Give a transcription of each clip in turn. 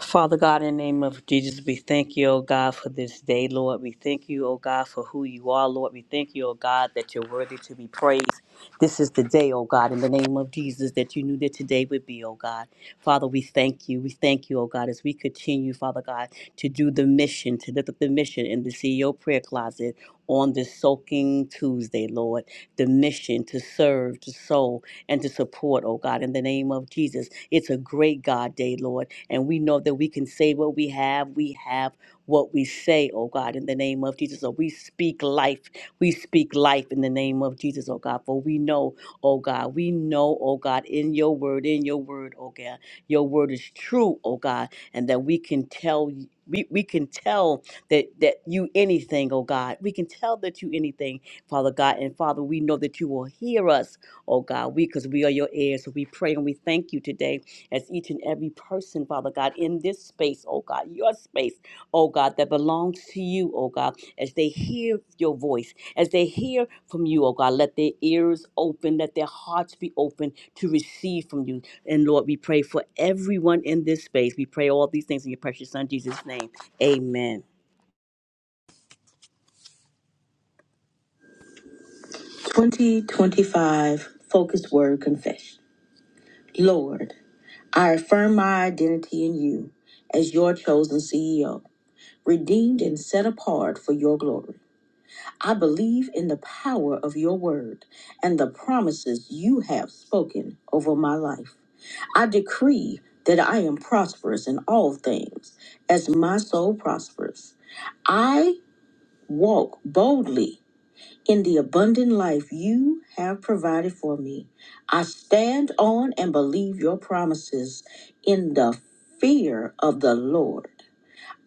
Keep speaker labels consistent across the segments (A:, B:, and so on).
A: Father God, in the name of Jesus, we thank you, O God, for this day, Lord. We thank you, O God, for who you are, Lord. We thank you, O God, that you're worthy to be praised. This is the day, O God, in the name of Jesus, that you knew that today would be, O God. Father, we thank you. We thank you, O God, as we continue, Father God, to do the mission, to lift up the mission in the CEO prayer closet on this soaking Tuesday, Lord. The mission to serve, to sow, and to support, O God, in the name of Jesus. It's a great God day, Lord. And we know that we can say what we have. We have what we say, oh God, in the name of Jesus. So we speak life. We speak life in the name of Jesus, oh God. For we know, oh God, we know, oh God, in your word, in your word, oh God, your word is true, oh God, and that we can tell you. We, we can tell that, that you anything, oh God. We can tell that you anything, Father God. And Father, we know that you will hear us, oh God. We because we are your heirs. So we pray and we thank you today as each and every person, Father God, in this space, oh God, your space, oh God, that belongs to you, oh God, as they hear your voice, as they hear from you, oh God, let their ears open, let their hearts be open to receive from you. And Lord, we pray for everyone in this space. We pray all these things in your precious Son, Jesus' name. Amen.
B: 2025 focused Word Confession. Lord, I affirm my identity in you as your chosen CEO, redeemed and set apart for your glory. I believe in the power of your word and the promises you have spoken over my life. I decree that I am prosperous in all things as my soul prospers. I walk boldly in the abundant life you have provided for me. I stand on and believe your promises in the fear of the Lord.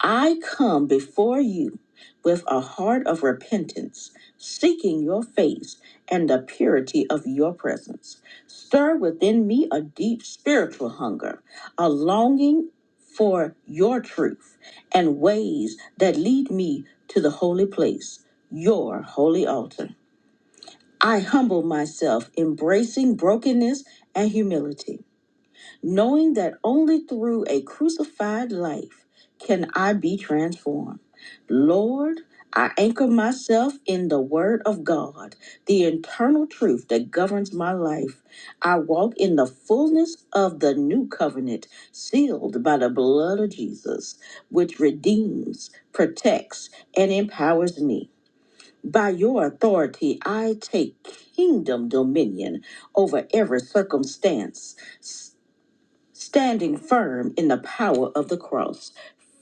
B: I come before you with a heart of repentance, seeking your face and the purity of your presence. Stir within me a deep spiritual hunger, a longing for your truth and ways that lead me to the holy place, your holy altar. I humble myself, embracing brokenness and humility, knowing that only through a crucified life can I be transformed. Lord, I anchor myself in the Word of God, the internal truth that governs my life. I walk in the fullness of the new covenant, sealed by the blood of Jesus, which redeems, protects, and empowers me. By your authority, I take kingdom dominion over every circumstance, s- standing firm in the power of the cross.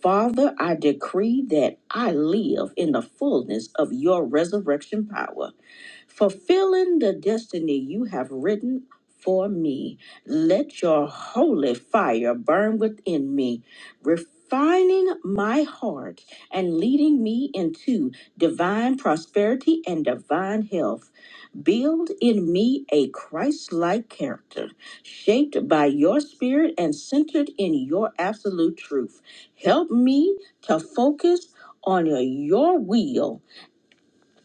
B: Father, I decree that I live in the fullness of your resurrection power fulfilling the destiny you have written for me. Let your holy fire burn within me, refining my heart and leading me into divine prosperity and divine health. Build in me a Christ like character, shaped by your spirit and centered in your absolute truth. Help me to focus on your will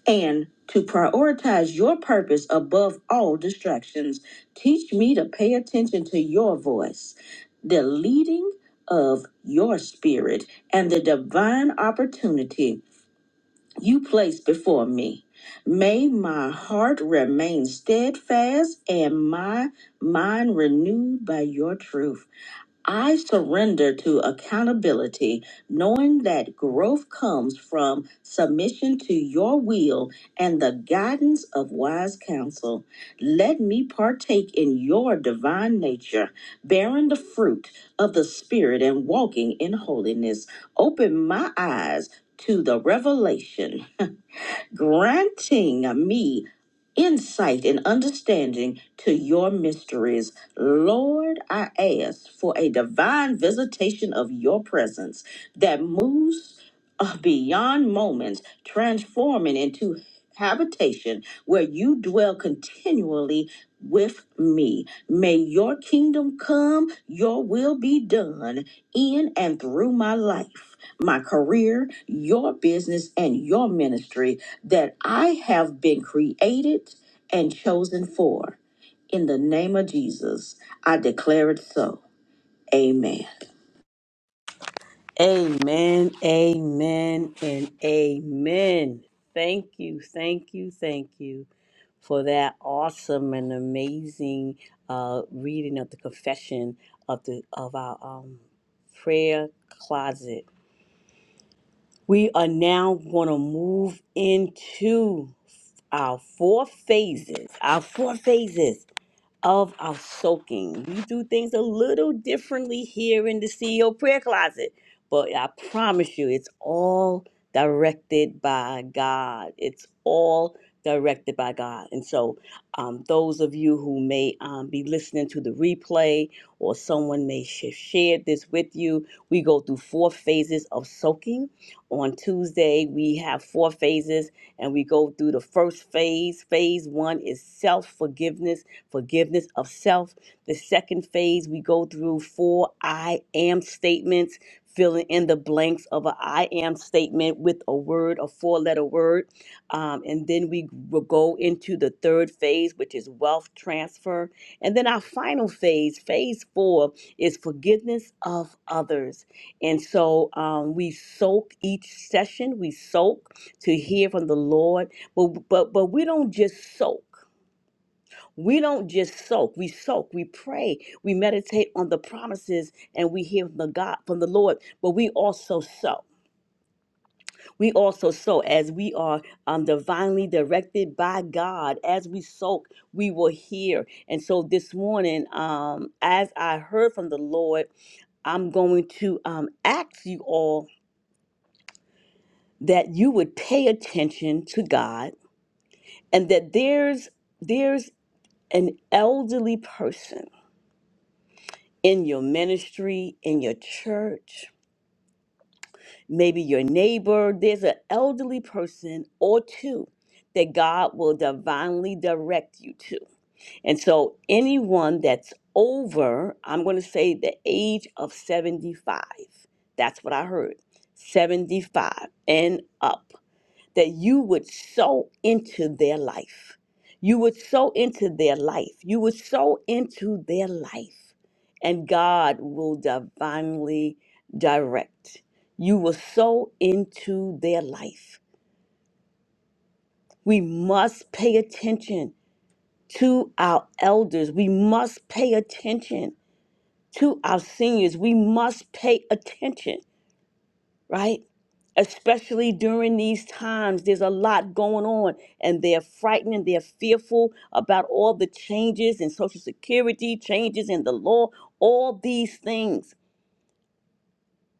B: and to prioritize your purpose above all distractions. Teach me to pay attention to your voice, the leading of your spirit, and the divine opportunity you place before me. May my heart remain steadfast and my mind renewed by your truth. I surrender to accountability, knowing that growth comes from submission to your will and the guidance of wise counsel. Let me partake in your divine nature, bearing the fruit of the Spirit and walking in holiness. Open my eyes to the revelation granting me insight and understanding to your mysteries. Lord, I ask for a divine visitation of your presence that moves uh, beyond moments, transforming into habitation where you dwell continually with me. May your kingdom come, your will be done in and through my life, my career, your business, and your ministry that I have been created and chosen for. In the name of Jesus, I declare it so. Amen.
A: Amen, amen, and amen. Thank you, thank you, thank you. for that awesome and amazing uh, reading of the confession of the of our um, prayer closet. We are now going to move into our four phases. Our four phases of our soaking. We do things a little differently here in the CEO prayer closet, but I promise you, it's all directed by God. It's all directed by God. And so, um, those of you who may um, be listening to the replay or someone may sh- share this with you, we go through four phases of soaking. On Tuesday, we have four phases and we go through the first phase. Phase one is self forgiveness forgiveness of self. The second phase, we go through four I am statements, filling in the blanks of a I am statement with a word, a four letter word. Um, and then we will go into the third phase, which is wealth transfer. And then our final phase, phase four, is forgiveness of others. And so um, we soak each session, we soak to hear from the Lord, but but but we don't just soak. We don't just soak, we soak, we pray, we meditate on the promises and we hear from the God from the Lord, but we also sow. We also sow as we are um, divinely directed by God. As we soak, we will hear. And so this morning, um, as I heard from the Lord, I'm going to um, ask you all that you would pay attention to God and that there's there's an elderly person in your ministry, in your church, maybe your neighbor. There's an elderly person or two that God will divinely direct you to. And so, anyone that's over, I'm going to say the age of 75, that's what I heard 75 and up that you would sow into their life. You would sow into their life. You would sow into their life. And God will divinely direct. You will sow into their life. We must pay attention to our elders. We must pay attention to our seniors. We must pay attention right? Especially during these times, there's a lot going on, and they're frightened and they're fearful about all the changes in Social Security, changes in the law, all these things.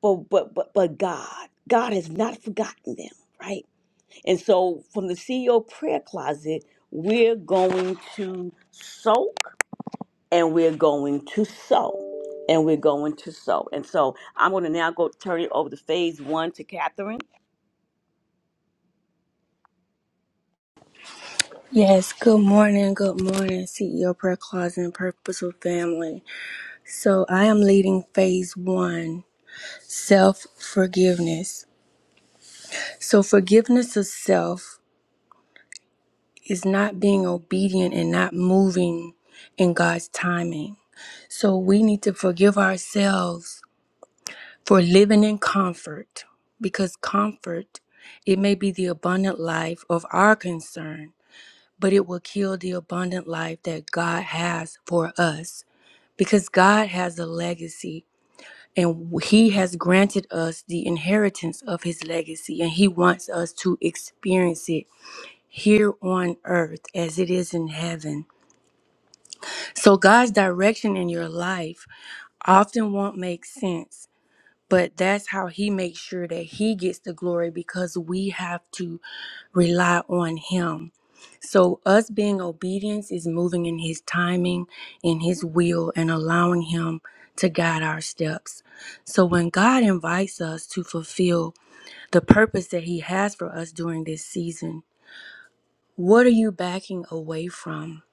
A: But but but but God, God has not forgotten them, right? And so, from the CEO prayer closet, we're going to soak, and we're going to sow, and we're going to sow. And so, I'm going to now go turn it over to Phase One to Catherine
C: Yes, good morning, good morning, CEO Prayer Closet and Purposeful Family. So, I am leading phase one self forgiveness. So, forgiveness of self is not being obedient and not moving in God's timing. So, we need to forgive ourselves for living in comfort because comfort, it may be the abundant life of our concern but it will kill the abundant life that God has for us because God has a legacy and he has granted us the inheritance of his legacy and he wants us to experience it here on earth as it is in heaven. So God's direction in your life often won't make sense, but that's how he makes sure that he gets the glory because we have to rely on him. So, us being obedience is moving in His timing, in His will, and allowing Him to guide our steps. So, when God invites us to fulfill the purpose that He has for us during this season, what are you backing away from?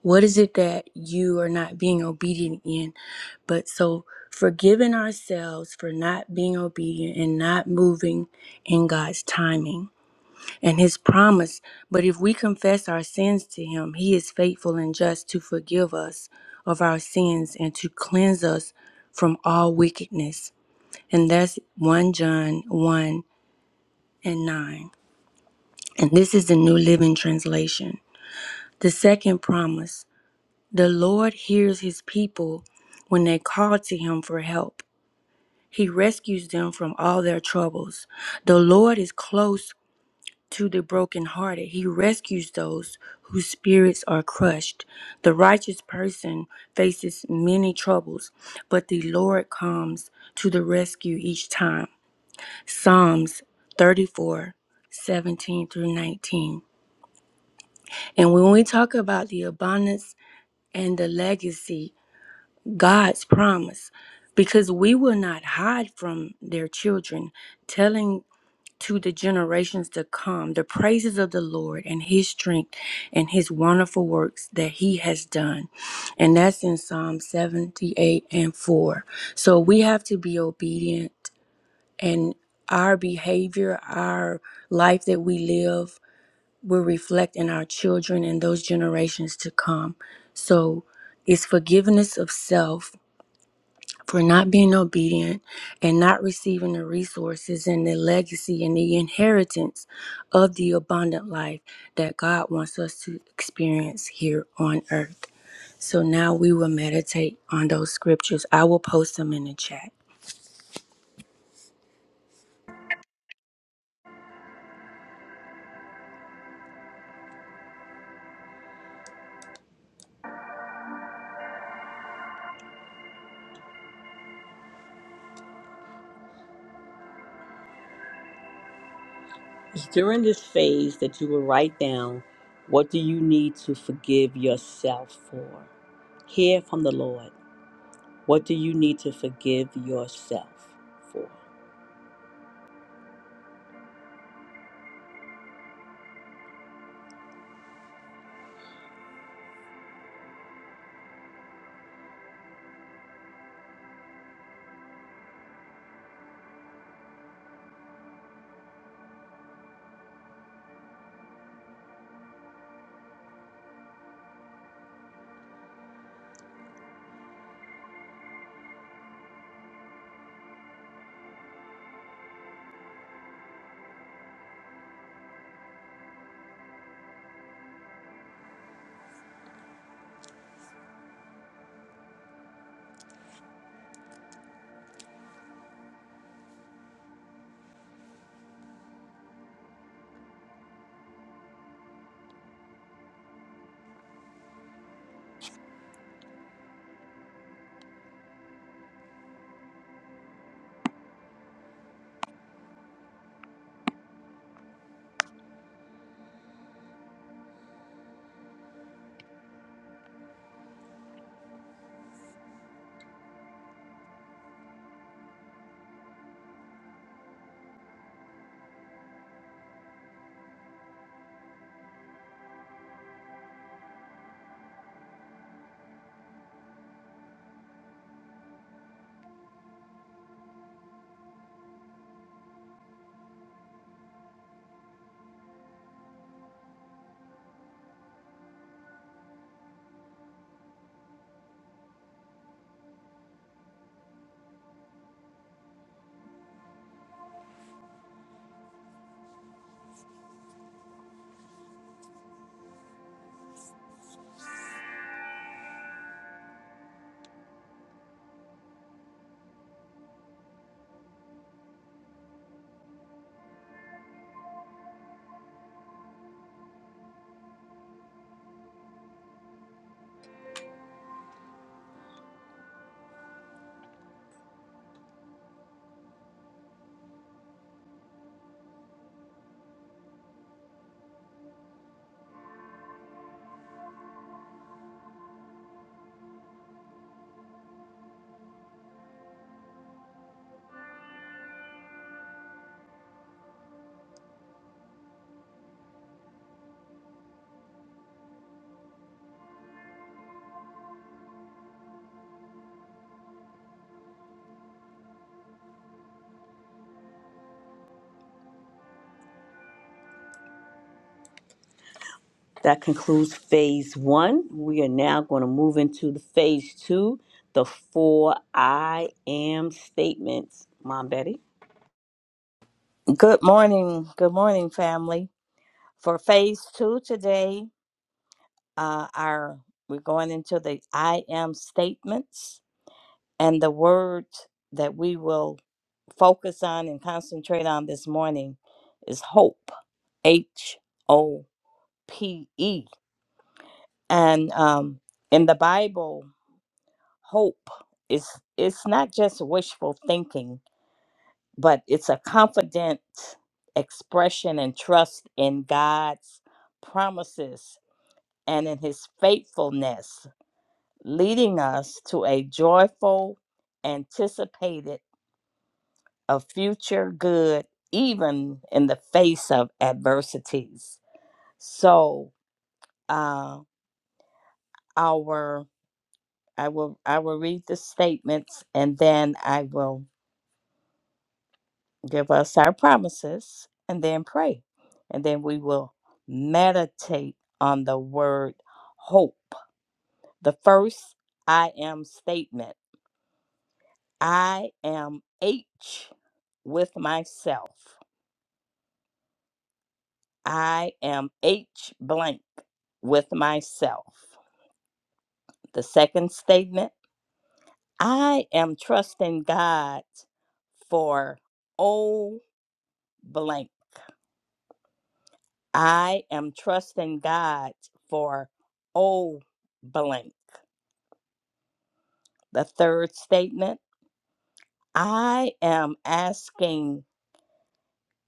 C: What is it that you are not being obedient in? But so, forgiving ourselves for not being obedient and not moving in God's timing and his promise. But if we confess our sins to him, he is faithful and just to forgive us of our sins and to cleanse us from all wickedness. And that's 1 John 1 and 9. And this is the New Living Translation. The second promise the Lord hears his people when they call to him for help. He rescues them from all their troubles. The Lord is close to the brokenhearted. He rescues those whose spirits are crushed. The righteous person faces many troubles, but the Lord comes to the rescue each time. Psalms 34:17 through 19. And when we talk about the abundance and the legacy, God's promise, because we will not hide from their children, telling to the generations to come the praises of the Lord and his strength and his wonderful works that he has done. And that's in Psalm 78 and 4. So we have to be obedient and our behavior, our life that we live will reflect in our children and those generations to come. So it's forgiveness of self for not being obedient and not receiving the resources and the legacy and the inheritance of the abundant life that God wants us to experience here on earth. So now we will meditate on those scriptures. I will post them in the chat.
A: It's during this phase that you will write down what do you need to forgive yourself for hear from the lord what do you need to forgive yourself for that concludes phase one we are now going to move into the phase two the four i am statements mom betty
D: Good morning. Good morning, family. For phase two today, uh, our we're going into the I am statements and the word that we will focus on and concentrate on this morning is hope. H O P E. And um, in the Bible, hope is it's not just wishful thinking, but it's a confident expression and trust in God's promises and in his faithfulness, leading us to a joyful, anticipated of future good, even in the face of adversities. So, uh, our I will I will read the statements, and then I will give us our promises, and then pray, and then we will meditate on the word hope. The first I am statement. I am H with myself. I am H blank with myself. The second statement I am trusting God for O blank. I am trusting God for O blank. The third statement I am asking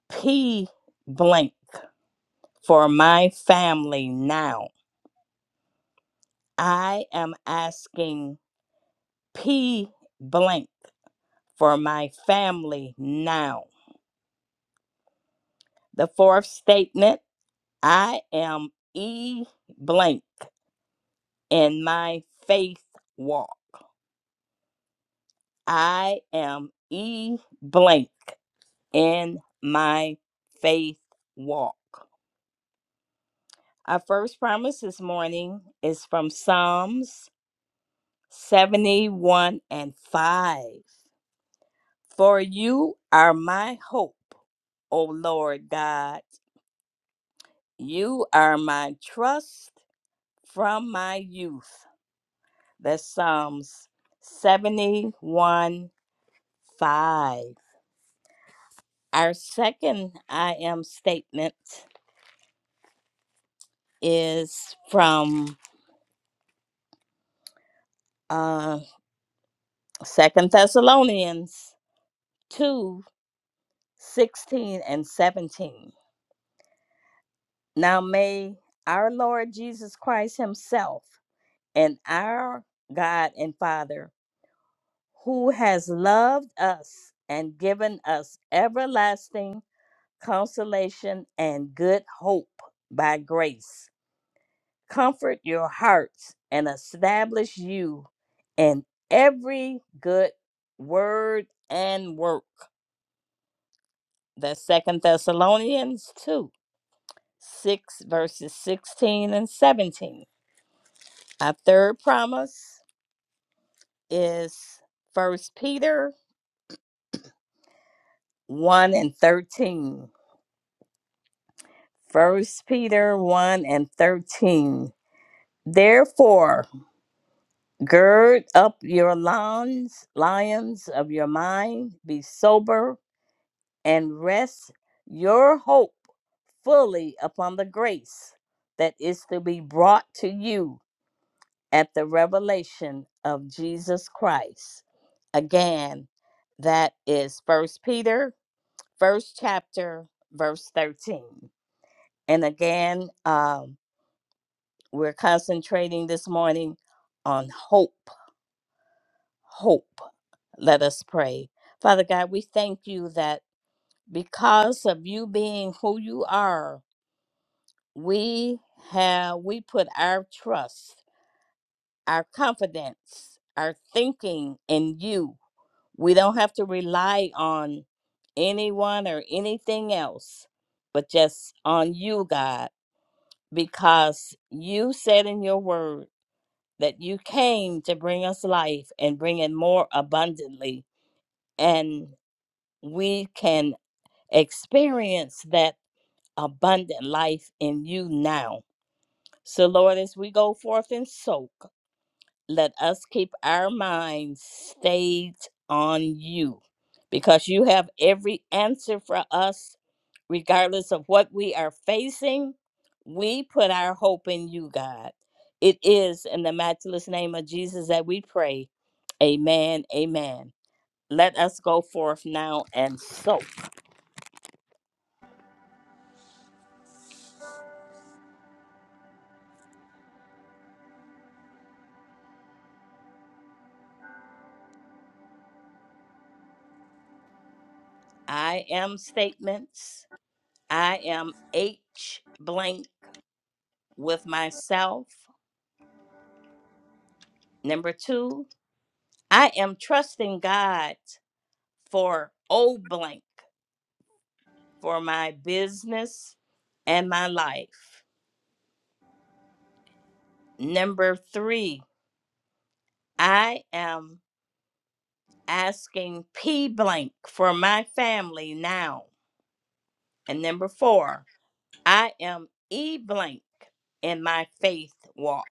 D: P blank for my family now. I am asking P blank for my family now. The fourth statement I am E blank in my faith walk. I am E blank in my faith walk. Our first promise this morning is from Psalms 71 and 5. For you are my hope, O Lord God. You are my trust from my youth. That's Psalms 71 5. Our second I am statement is from uh, 2 Thessalonians 2 16 and 17. Now may our Lord Jesus Christ Himself and our God and Father who has loved us and given us everlasting consolation and good hope by grace. Comfort your hearts and establish you in every good word and work. That's Second Thessalonians 2, 6 verses 16 and 17. Our third promise is First Peter 1 and 13 First Peter 1 and 13. Therefore, gird up your loins, lions of your mind, be sober, and rest your hope fully upon the grace that is to be brought to you at the revelation of Jesus Christ. Again, that is First Peter, first chapter, verse 13. And again, um. We're concentrating this morning on hope. Hope. Let us pray. Father God, we thank you that because of you being who you are, we have we put our trust, our confidence, our thinking in you. We don't have to rely on anyone or anything else, but just on you, God, because you said in your word. that you came to bring us life and bring it more abundantly. And we can experience that abundant life in you now. So, Lord, as we go forth and soak let us keep our minds stayed on you because you have every answer for us, regardless of what we are facing. We put our hope in you, God. It is in the matchless name of Jesus that we pray. Amen. Amen. Let us go forth now and so. I am statements. I am H blank with myself. Number two, I am trusting God for O blank for my business and my life. Number three, I am asking P blank for my family now. And number four, I am E blank in my faith walk.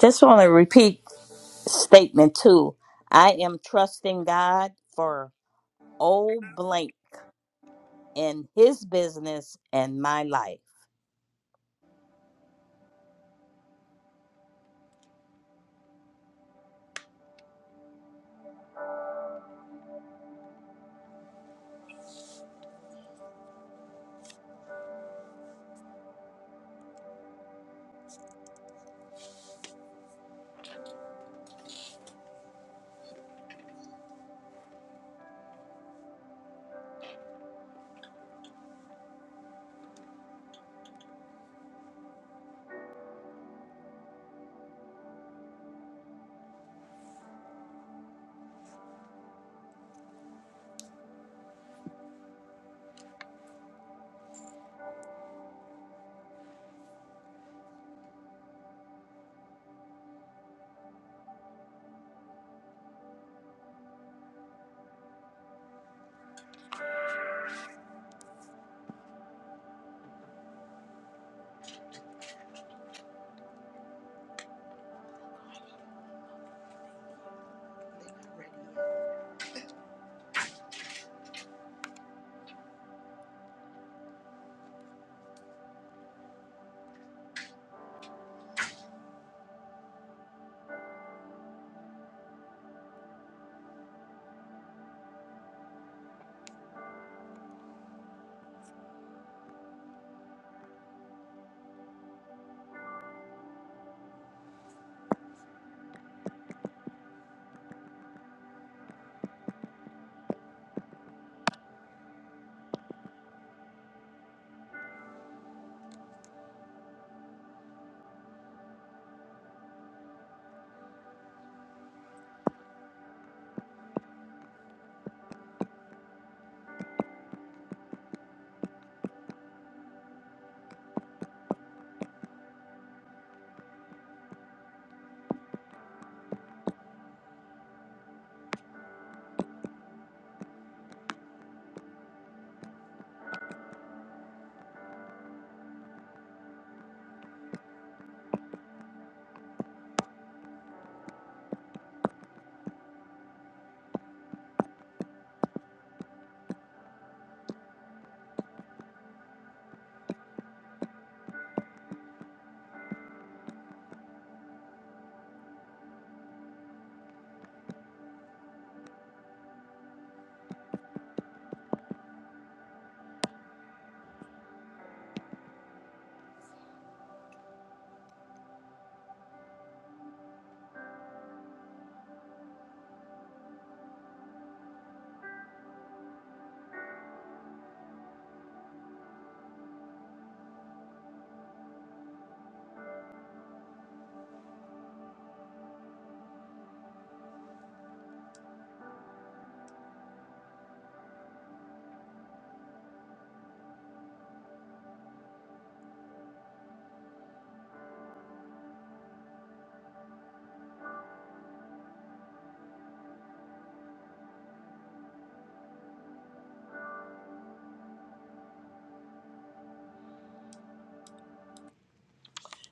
D: Just want to repeat statement two. I am trusting God for O blank in his business and my life.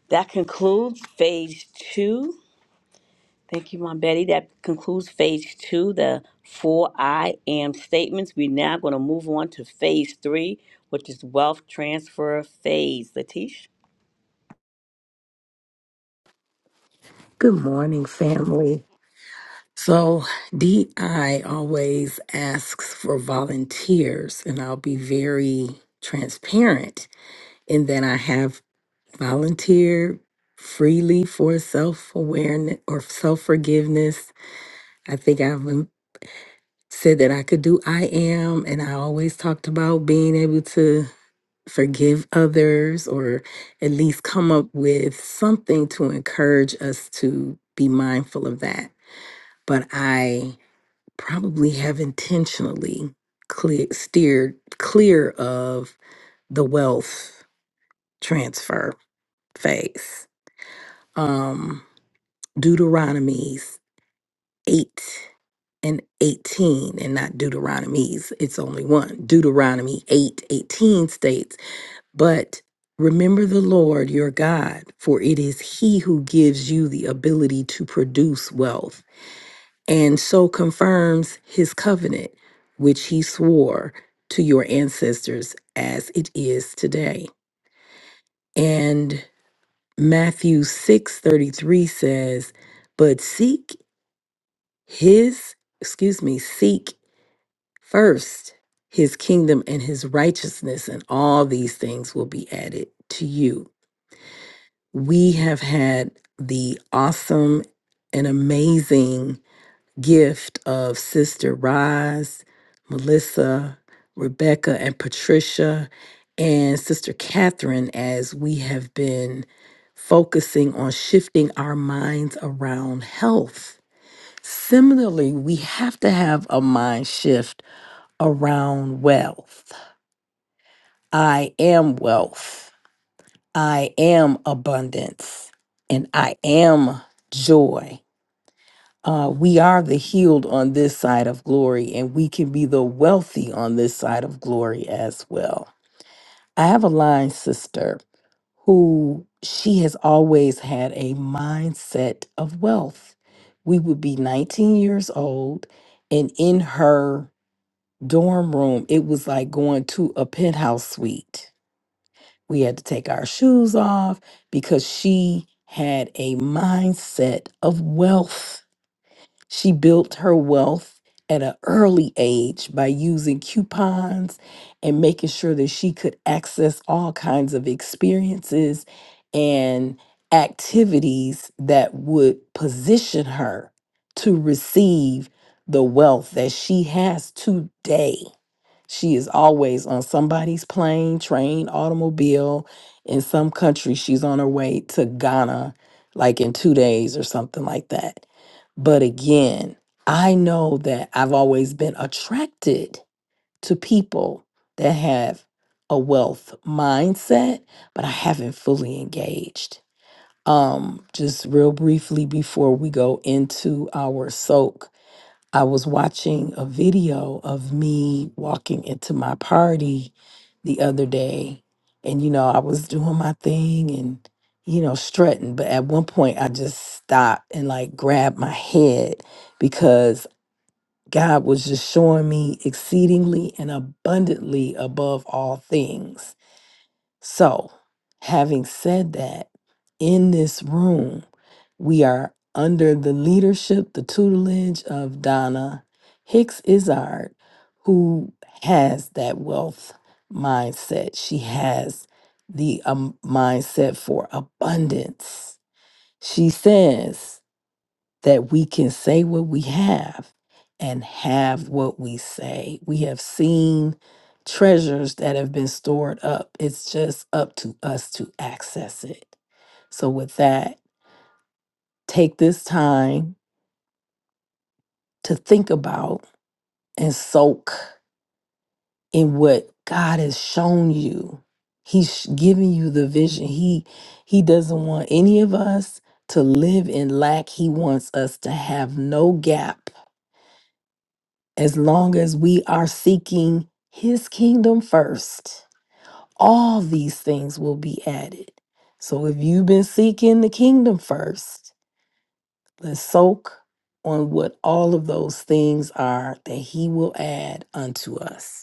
A: that concludes phase two Thank you, Mom Betty. That concludes phase two, the four I am statements. We're now going to move on to phase three, which is wealth transfer phase. Latish?
E: Good morning, family. So, DI always asks for volunteers, and I'll be very transparent in that I have volunteered freely for self awareness or self forgiveness. I think I've um, said that I could do I am, and I always talked about being able to forgive others or at least come up with something to encourage us to be mindful of that but I probably have intentionally clear, steered clear of the wealth transfer phase. Um, Deuteronomies 8 and 18, and not Deuteronomies, it's only one. Deuteronomy 8 18 states, But remember the Lord your God, for it is he who gives you the ability to produce wealth and so confirms his covenant, which he swore to your ancestors as it is today. And Matthew 6 33 says, But seek his, excuse me, seek first his kingdom and his righteousness, and all these things will be added to you. We have had the awesome and amazing gift of Sister Rise, Melissa, Rebecca, and Patricia, and Sister Catherine as we have been focusing on shifting our minds around health. Similarly, we have to have a mind shift around wealth. I am wealth. I am abundance. And I am joy. uh, we are the healed on this side of glory, and we can be the wealthy on this side of glory as well. I have a line sister who she has always had a mindset of wealth. We would be 19 years old, and in her dorm room, it was like going to a penthouse suite. We had to take our shoes off because she had a mindset of wealth she built her wealth at an early age by using coupons and making sure that she could access all kinds of experiences and activities that would position her to receive the wealth that she has today. She is always on somebody's plane, train, automobile. In some country, she's on her way to Ghana, like in two days or something like that but again, I know that I've always been attracted to people that have a wealth mindset, but I haven't fully engaged. Um, just real briefly before we go into our soak, I was watching a video of me walking into my party the other day. And, you know, I was doing my thing and, you know, strutting. But at one point, I just stopped and like grabbed my head because God was just showing me exceedingly and abundantly above all things. So, having said that, in this room, we are under the leadership, the tutelage of Donna Hicks Izard, who has that wealth mindset. She has the um, mindset for abundance. She says, that we can say what we have and have what we say. We have seen treasures that have been stored up. It's just up to us to access it. So, with that, take this time to think about and soak in what God has shown you. He's giving you the vision. He he doesn't want any of us to live in lack. He wants us to have no gap as long as we are seeking his kingdom first, all these things will be added. So if you've been seeking the kingdom first, let's soak on what all of those things are that he will add unto us.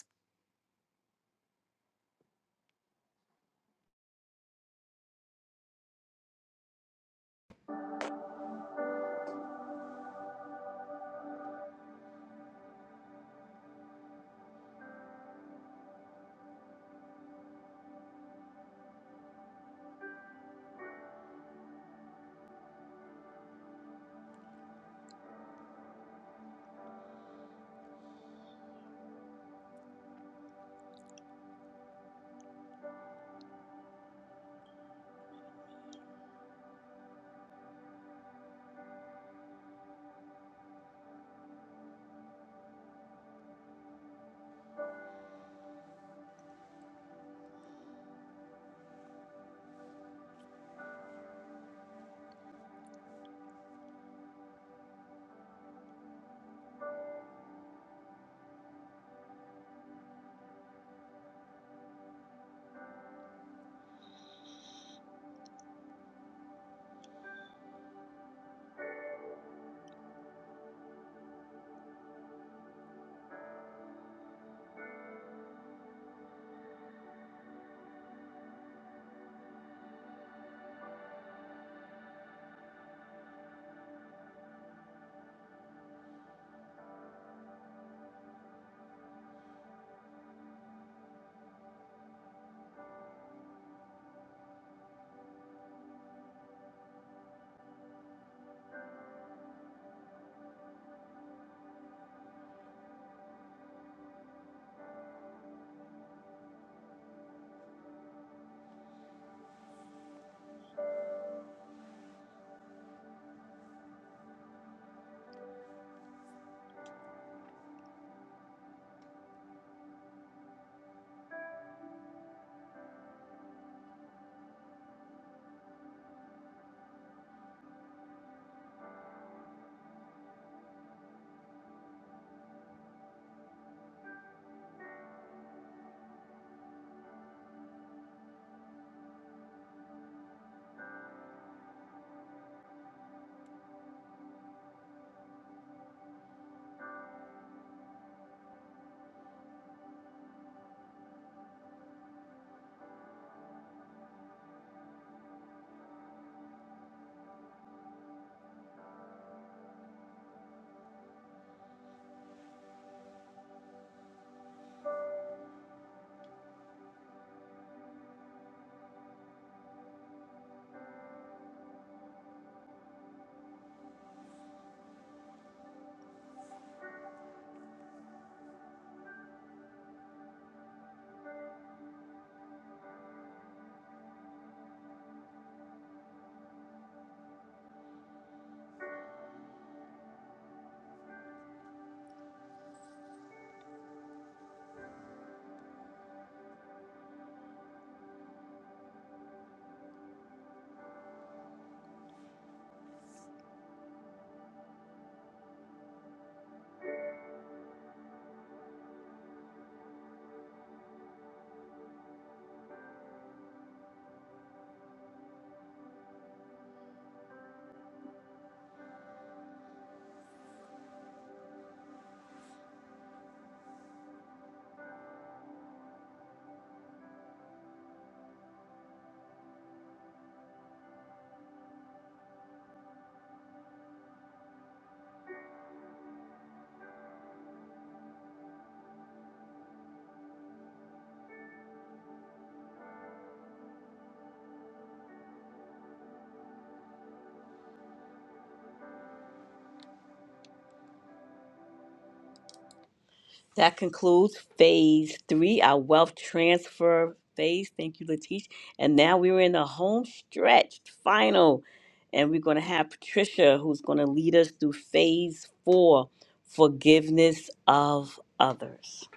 A: That concludes phase three, our wealth transfer phase. Thank you, Latish. And now we're in the home stretch final. And we're going to have Patricia, who's going to lead us through phase four forgiveness of others.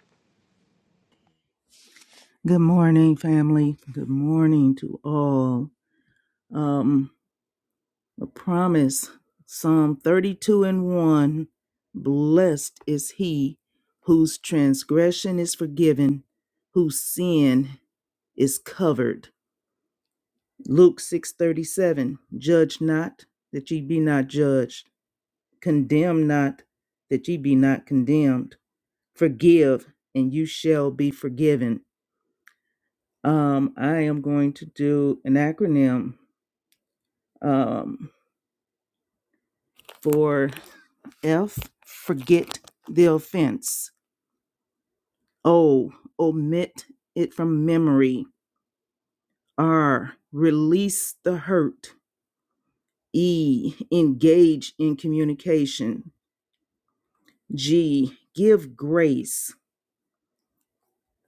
F: Good morning, family. Good morning to all. Um, a promise Psalm 32 and 1 Blessed is he whose transgression is forgiven, whose sin is covered. Luke 6 37. Judge not that ye be not judged, condemn not that ye be not condemned, forgive and you shall be forgiven. Um, I am going to do an acronym um, for F, forget the offense. O, omit it from memory. R, release the hurt. E, engage in communication. G, give grace.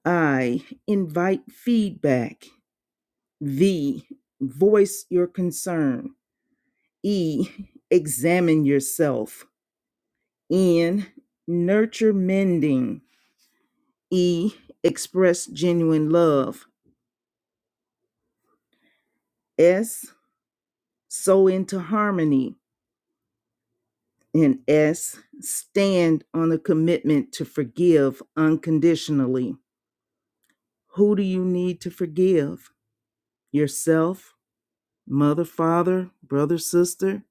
F: I, invite feedback. V, voice your concern. E, examine yourself. N, nurture mending. E. Express genuine love. S. Sow into harmony. And S. Stand on a commitment to forgive unconditionally. Who do you need to forgive? Yourself, mother, father, brother, sister?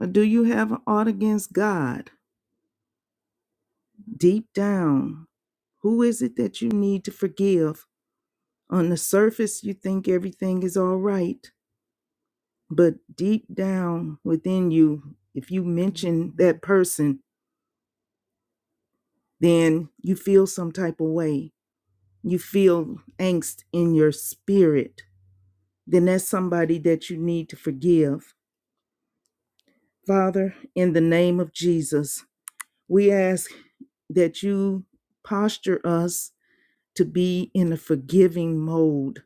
F: Or do you have an ought against God? Deep down, who is it that you need to forgive? On the surface, you think everything is all right. but deep down within you if you mention that person then you feel some type of way you feel angst in your spirit then that's somebody that you need to forgive father in the name of jesus we ask that you posture us to be in a forgiving mode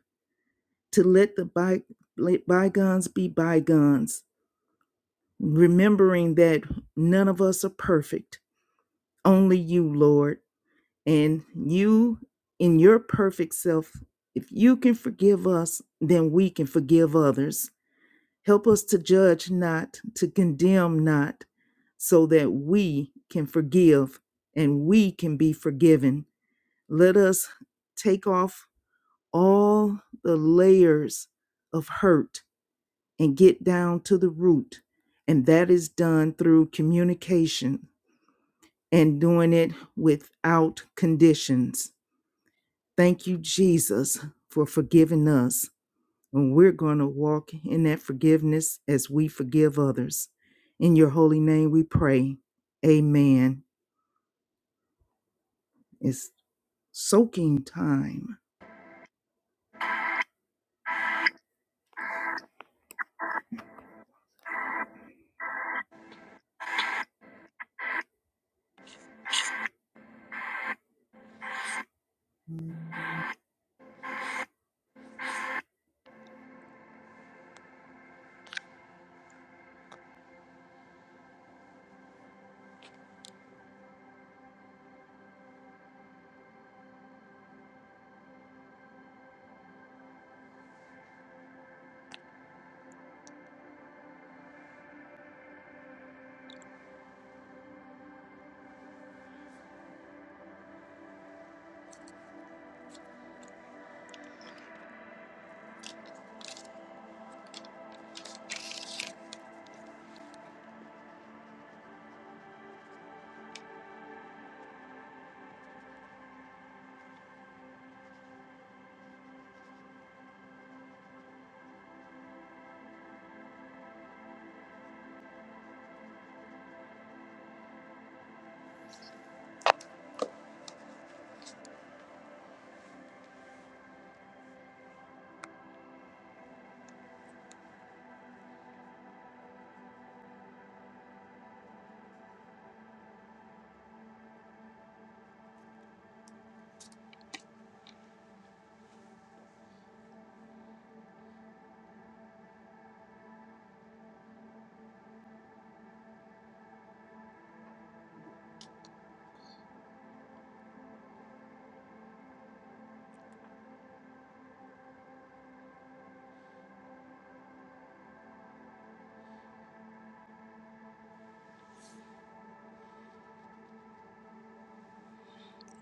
F: to let the by, let bygones be bygones remembering that none of us are perfect only you lord And you, in your perfect self, if you can forgive us, then we can forgive others. Help us to judge not, to condemn not, so that we can forgive and we can be forgiven. Let us take off all the layers of hurt and get down to the root. And that is done through communication and doing it without conditions. Thank you, Jesus, for forgiving us. And we're going to walk in that forgiveness as we forgive others. In your holy name we pray. Amen. It's soaking time.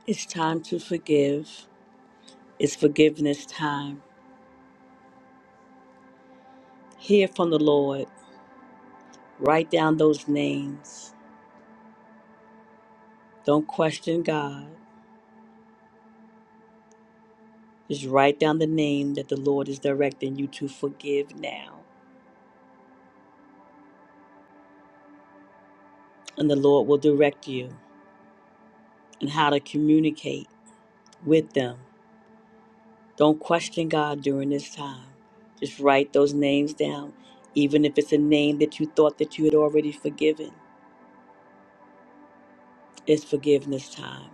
A: It's time to forgive. It's forgiveness time. Hear from the Lord. Write down those names. Don't question God. Just write down the name that the Lord is directing you to forgive now. And the Lord will direct you and how to communicate with them. Don't question God during this time. Just write those names down. Even if it's a name that you thought that you had already forgiven, it's forgiveness time.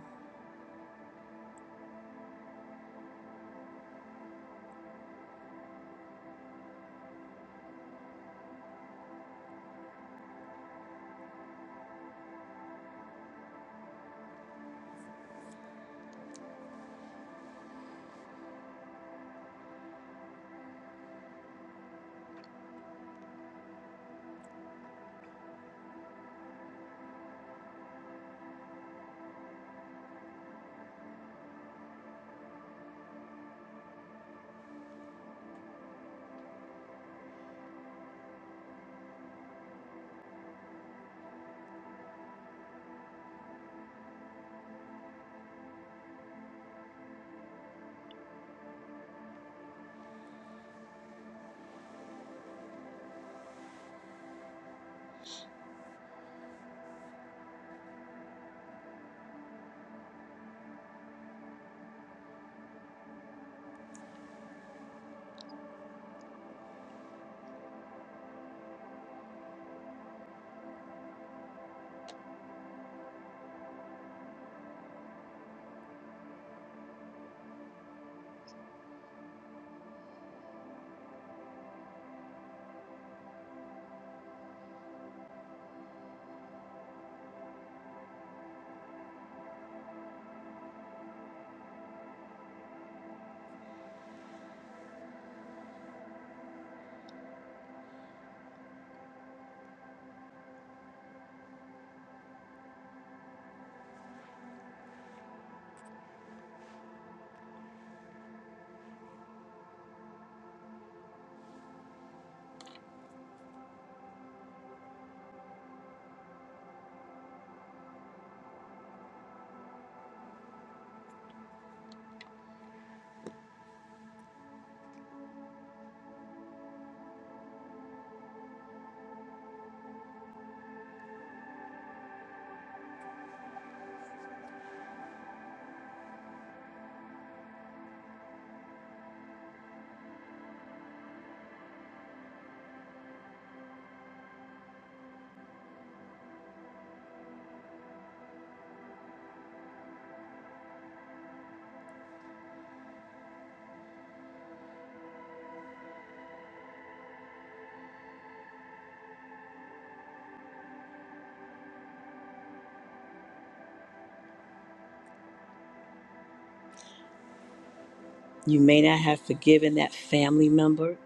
A: You may not have forgiven that family member,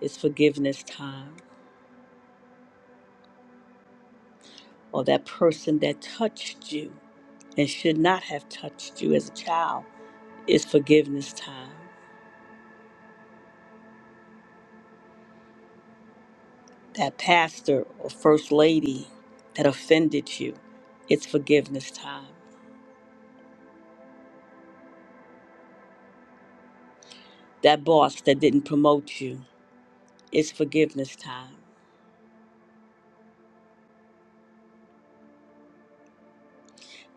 A: it's forgiveness time. Or that person that touched you and should not have touched you as a child. It's forgiveness time. That pastor or first lady that offended you, it's forgiveness time. That boss that didn't promote you, it's forgiveness time.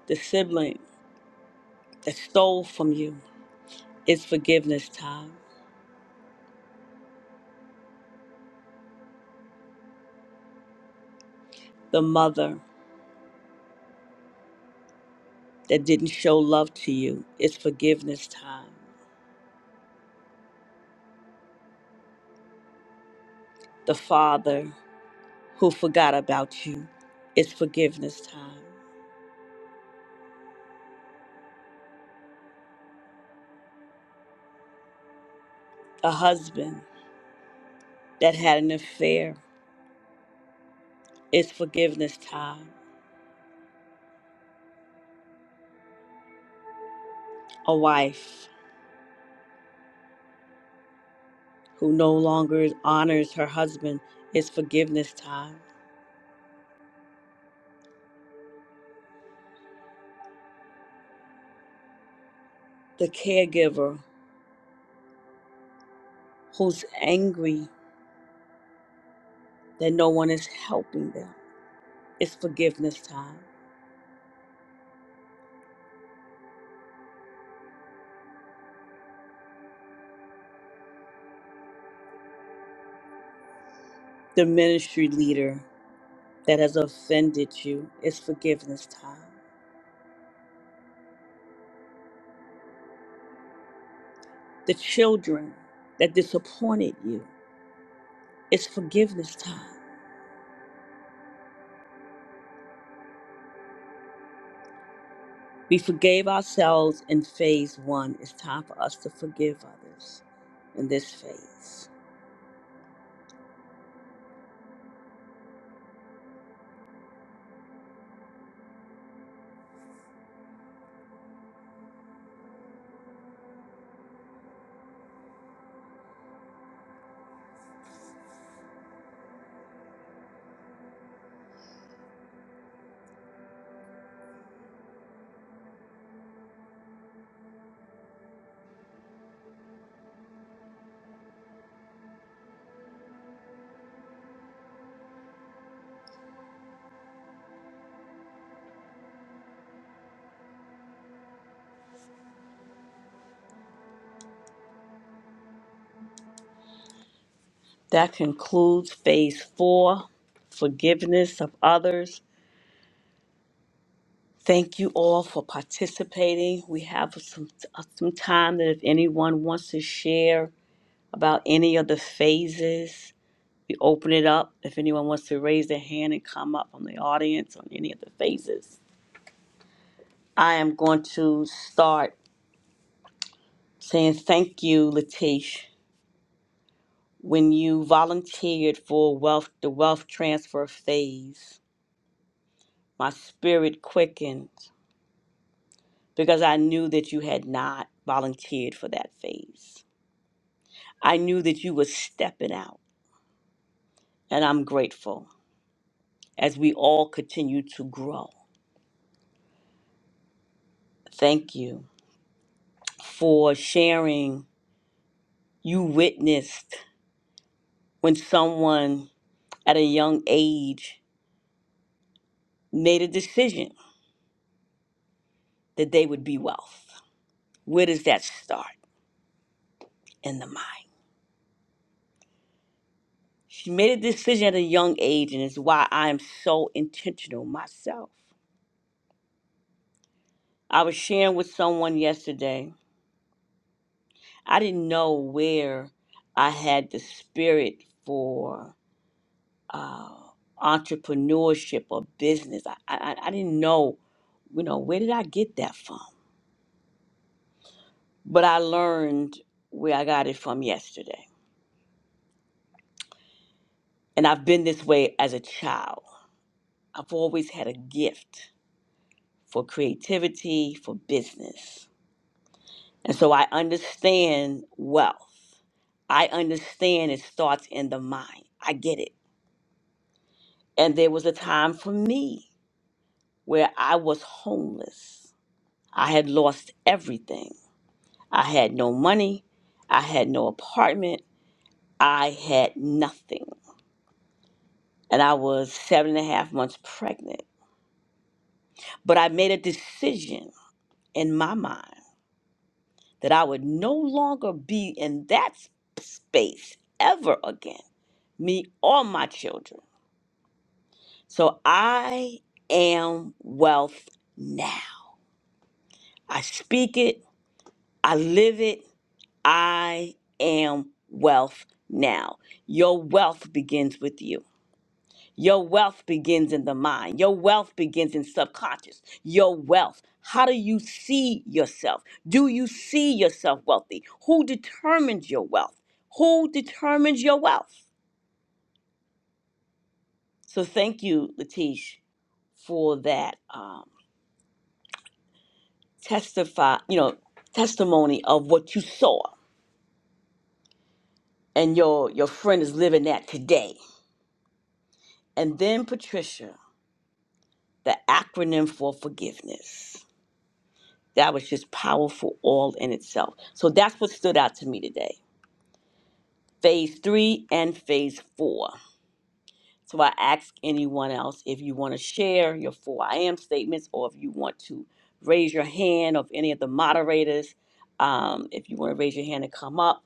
A: The sibling that stole from you, it's forgiveness time. The mother that didn't show love to you, it's forgiveness time. The father who forgot about you, it's forgiveness time. A husband that had an affair. It's forgiveness time. A wife who no longer honors her husband It's forgiveness time. The caregiver who's angry that no one is helping them It's forgiveness time. The ministry leader that has offended you It's forgiveness time. The children that disappointed you It's forgiveness time. We forgave ourselves in phase one. It's time for us to forgive others in this phase. That concludes phase four forgiveness of others. Thank you all for participating. We have some, uh, some time that if anyone wants to share about any of the phases, we open it up. If anyone wants to raise their hand and come up from the audience on any of the phases, I am going to start saying thank you, Latish, when you volunteered for wealth, the wealth transfer phase. My spirit quickened because I knew that you had not volunteered for that phase. I knew that you were stepping out, and I'm grateful as we all continue to grow. Thank you for sharing. You witnessed when someone at a young age made a decision that they would be wealth. Where does that start in the mind? She made a decision at a young age, and it's why I am so intentional myself. I was sharing with someone yesterday I didn't know where I had the spirit for uh, entrepreneurship or business. I, I, I didn't know, you know, where did I get that from? But I learned where I got it from yesterday. And I've been this way as a child. I've always had a gift for creativity, for business. And so I understand wealth. I understand it starts in the mind. I get it. And there was a time for me where I was homeless. I had lost everything. I had no money. I had no apartment. I had nothing. And I was seven and a half months pregnant. But I made a decision in my mind that I would no longer be in that s- space ever again, me or my children. So I am wealth now. I speak it, I live it, I am wealth now. Your wealth begins with you. Your wealth begins in the mind. Your wealth begins in subconscious. Your wealth. How do you see yourself? Do you see yourself wealthy? Who determines your wealth? Who determines your wealth? So thank you, Latish, for that um, testify, you know, testimony of what you saw, and your your friend is living that today. And then Patricia, the acronym for forgiveness. That was just powerful all in itself. So that's what stood out to me today. Phase three and phase four. So I ask anyone else if you want to share your four I am statements or if you want to raise your hand of any of the moderators. Um, if you want to raise your hand and come up,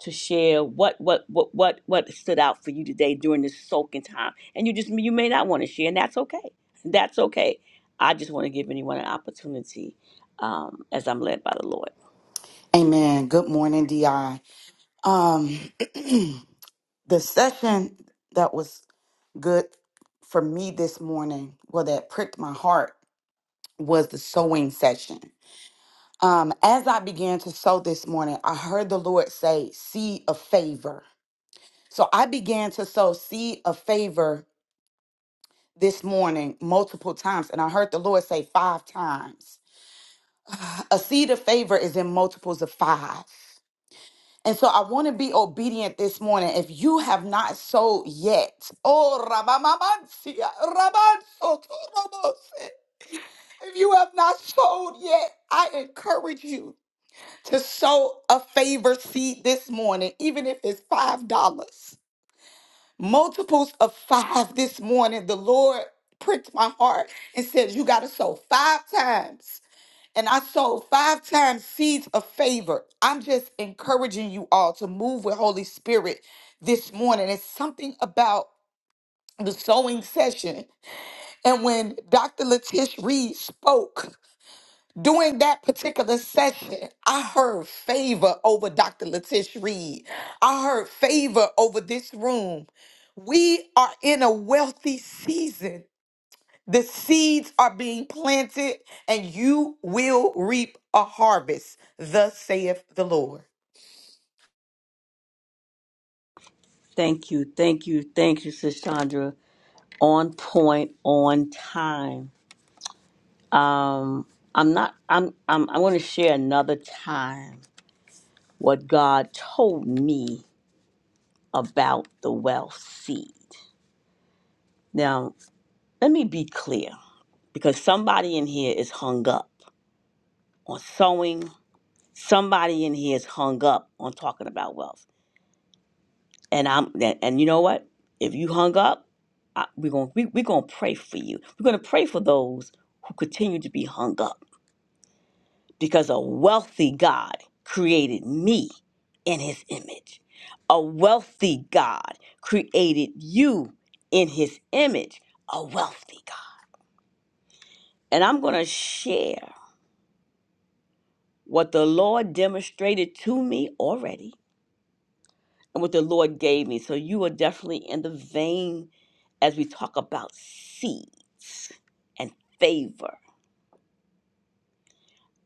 A: to share what what what what what stood out for you today during this soaking time and you just you may not want to share and that's okay that's okay i just want to give anyone an opportunity um, as i'm led by the lord
G: Amen. Good morning, DI. Um, the session that was good for me this morning, well, that pricked my heart, was the sewing session. Um, as I began to sew this morning, I heard the Lord say, "Seed of favor." So I began to sow seed of favor this morning multiple times, and I heard the Lord say five times. A seed of favor is in multiples of five. And so I want to be obedient this morning. If you have not sold yet, oh, Rabamamansia, Rabansotorobose. if you have not sold yet, I encourage you to sow a favor seed this morning, even if it's $5. Multiples of five this morning, the Lord pricked my heart and said, You got to sow five times and I sold five times seeds of favor. I'm just encouraging you all to move with Holy Spirit this morning. It's something about the sewing session. And when Dr. Letish Reed spoke during that particular session, I heard favor over Dr. Letish Reed. I heard favor over this room. We are in a wealthy season. The seeds are being planted, and you will reap a harvest. Thus saith the Lord.
A: thank you thank you thank you sis chandra on point on time um i'm not i'm i'm i want to share another time what god told me about the wealth seed. Now, let me be clear because somebody in here is hung up on sowing. Somebody in here is hung up on talking about wealth. And I'm and and you know what? If you hung up, I, we're going we, we're going to pray for you. We're going to pray for those who continue to be hung up because a wealthy God created me in his image. A wealthy God created you in his image. A wealthy God. And I'm going to share what the Lord demonstrated to me already and what the Lord gave me. So you are definitely in the vein as we talk about seeds and favor.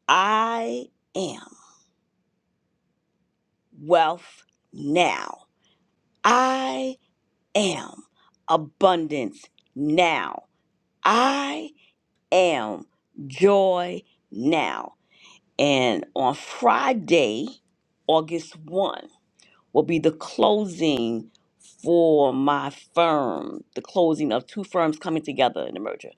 A: I am wealth now. I am abundance now. I am joy now. And on Friday, August 1. will be the closing for my firm, the closing of two firms coming together in the merger.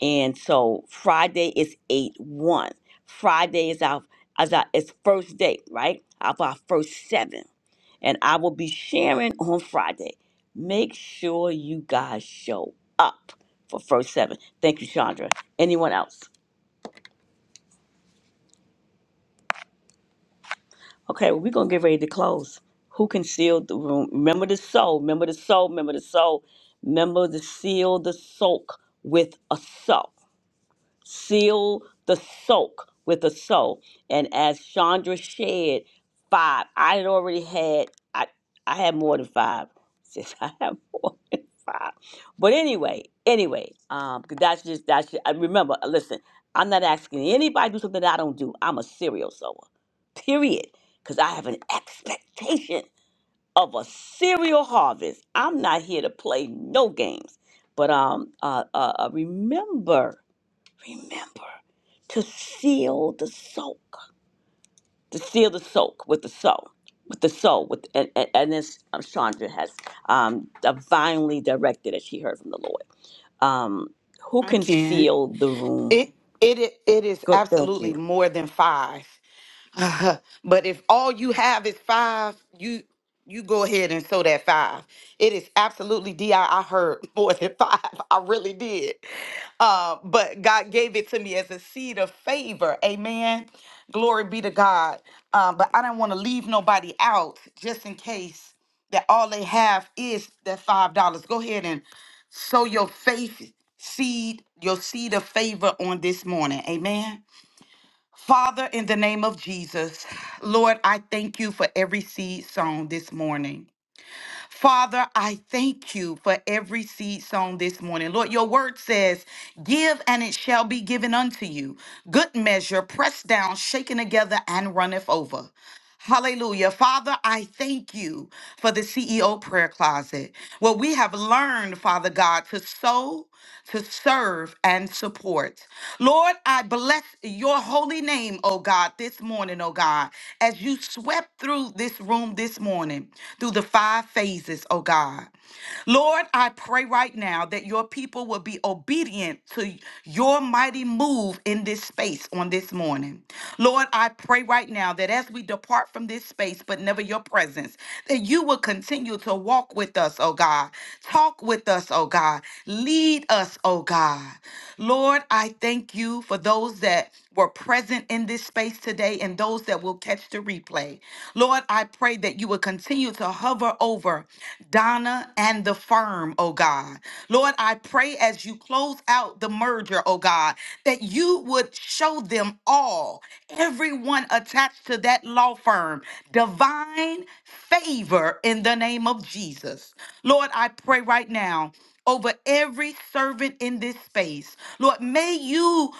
A: And so Friday is 8 1. Friday is our, as our it's first day, right? Of our first seven. And I will be sharing on Friday. Make sure you guys show up for first seven. Thank you, Chandra. Anyone else? Okay, well, we're gonna get ready to close. Who can seal the room? Remember the soul, remember the soul, remember the soul, remember to seal the soak with a soak seal the soak with a soul. And as Chandra shared, five. I had already had I I had more than five. Since I have more than five. But anyway, anyway, um, 'cause that's just that's just, I remember. uh, Listen, I'm not asking anybody to do something that I don't do. I'm a serial sower, period. Because I have an expectation of a serial harvest. I'm not here to play no games. But um, uh, uh, uh, remember remember to seal the soak, to seal the soak with the soul, with the soul, with and and, and this um, Chandra has um, divinely directed as she heard from the Lord. Um, who
G: I
A: can
G: can.
A: seal the room?
G: It it i- it is
A: Good, thank you.
G: absolutely more than five. Uh, but if all you have is five, you you go ahead and sow that five. It is absolutely di. I I heard more than five. I really did. Uh, but God gave it to me as a seed of favor. Amen. Glory be to God. Uh, but I don't want to leave nobody out just in case that all they have is that five dollars. Go ahead and sow your faith seed, your seed of favor on this morning. Amen. Father, in the name of Jesus, Lord, I thank you for every seed sown this morning. Father, I thank you for every seed sown this morning. Lord, your word says, Give and it shall be given unto you. Good measure, pressed down, shaken together, and runneth over. Hallelujah. Father, I thank you for the CEO prayer closet where we have learned, Father God, to sow to serve and support. Lord, I bless your holy name, oh God, this morning, oh God, as you swept through this room this morning, through the five phases, oh God. Lord, I pray right now that your people will be obedient to your mighty move in this space on this morning. Lord, I pray right now that as we depart from this space, but never your presence, that you will continue to walk with us, oh God, talk with us, oh God, lead us, oh God. Lord, I thank you for those that were present in this space today and those that will catch the replay. Lord, I pray that you will continue to hover over Donna and the firm, oh God. Lord, I pray as you close out the merger, oh God, that you would show them all, everyone attached to that law firm, divine favor in the name of Jesus. Lord, I pray right now over every servant in this space. Lord, may you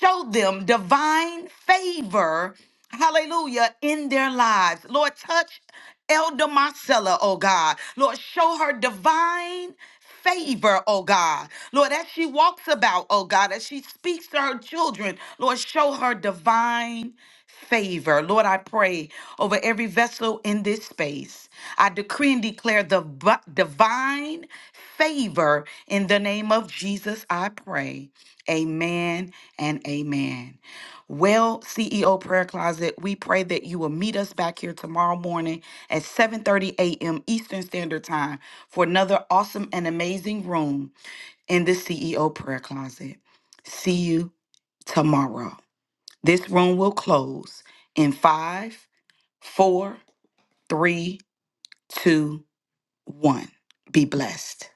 G: Show them divine favor, hallelujah, in their lives. Lord, touch Elder Marcella, oh God. Lord, show her divine favor, oh God. Lord, as she walks about, oh God, as she speaks to her children, Lord, show her divine favor. Lord, I pray over every vessel in this space. I decree and declare the bu- divine favor in the name of Jesus, I pray. Amen and amen. Well, CEO Prayer Closet, we pray that you will meet us back here tomorrow morning at 7:30 a.m. Eastern Standard Time for another awesome and amazing room in the CEO Prayer Closet. See you tomorrow. This room will close in five, four, three, two, one. Be blessed.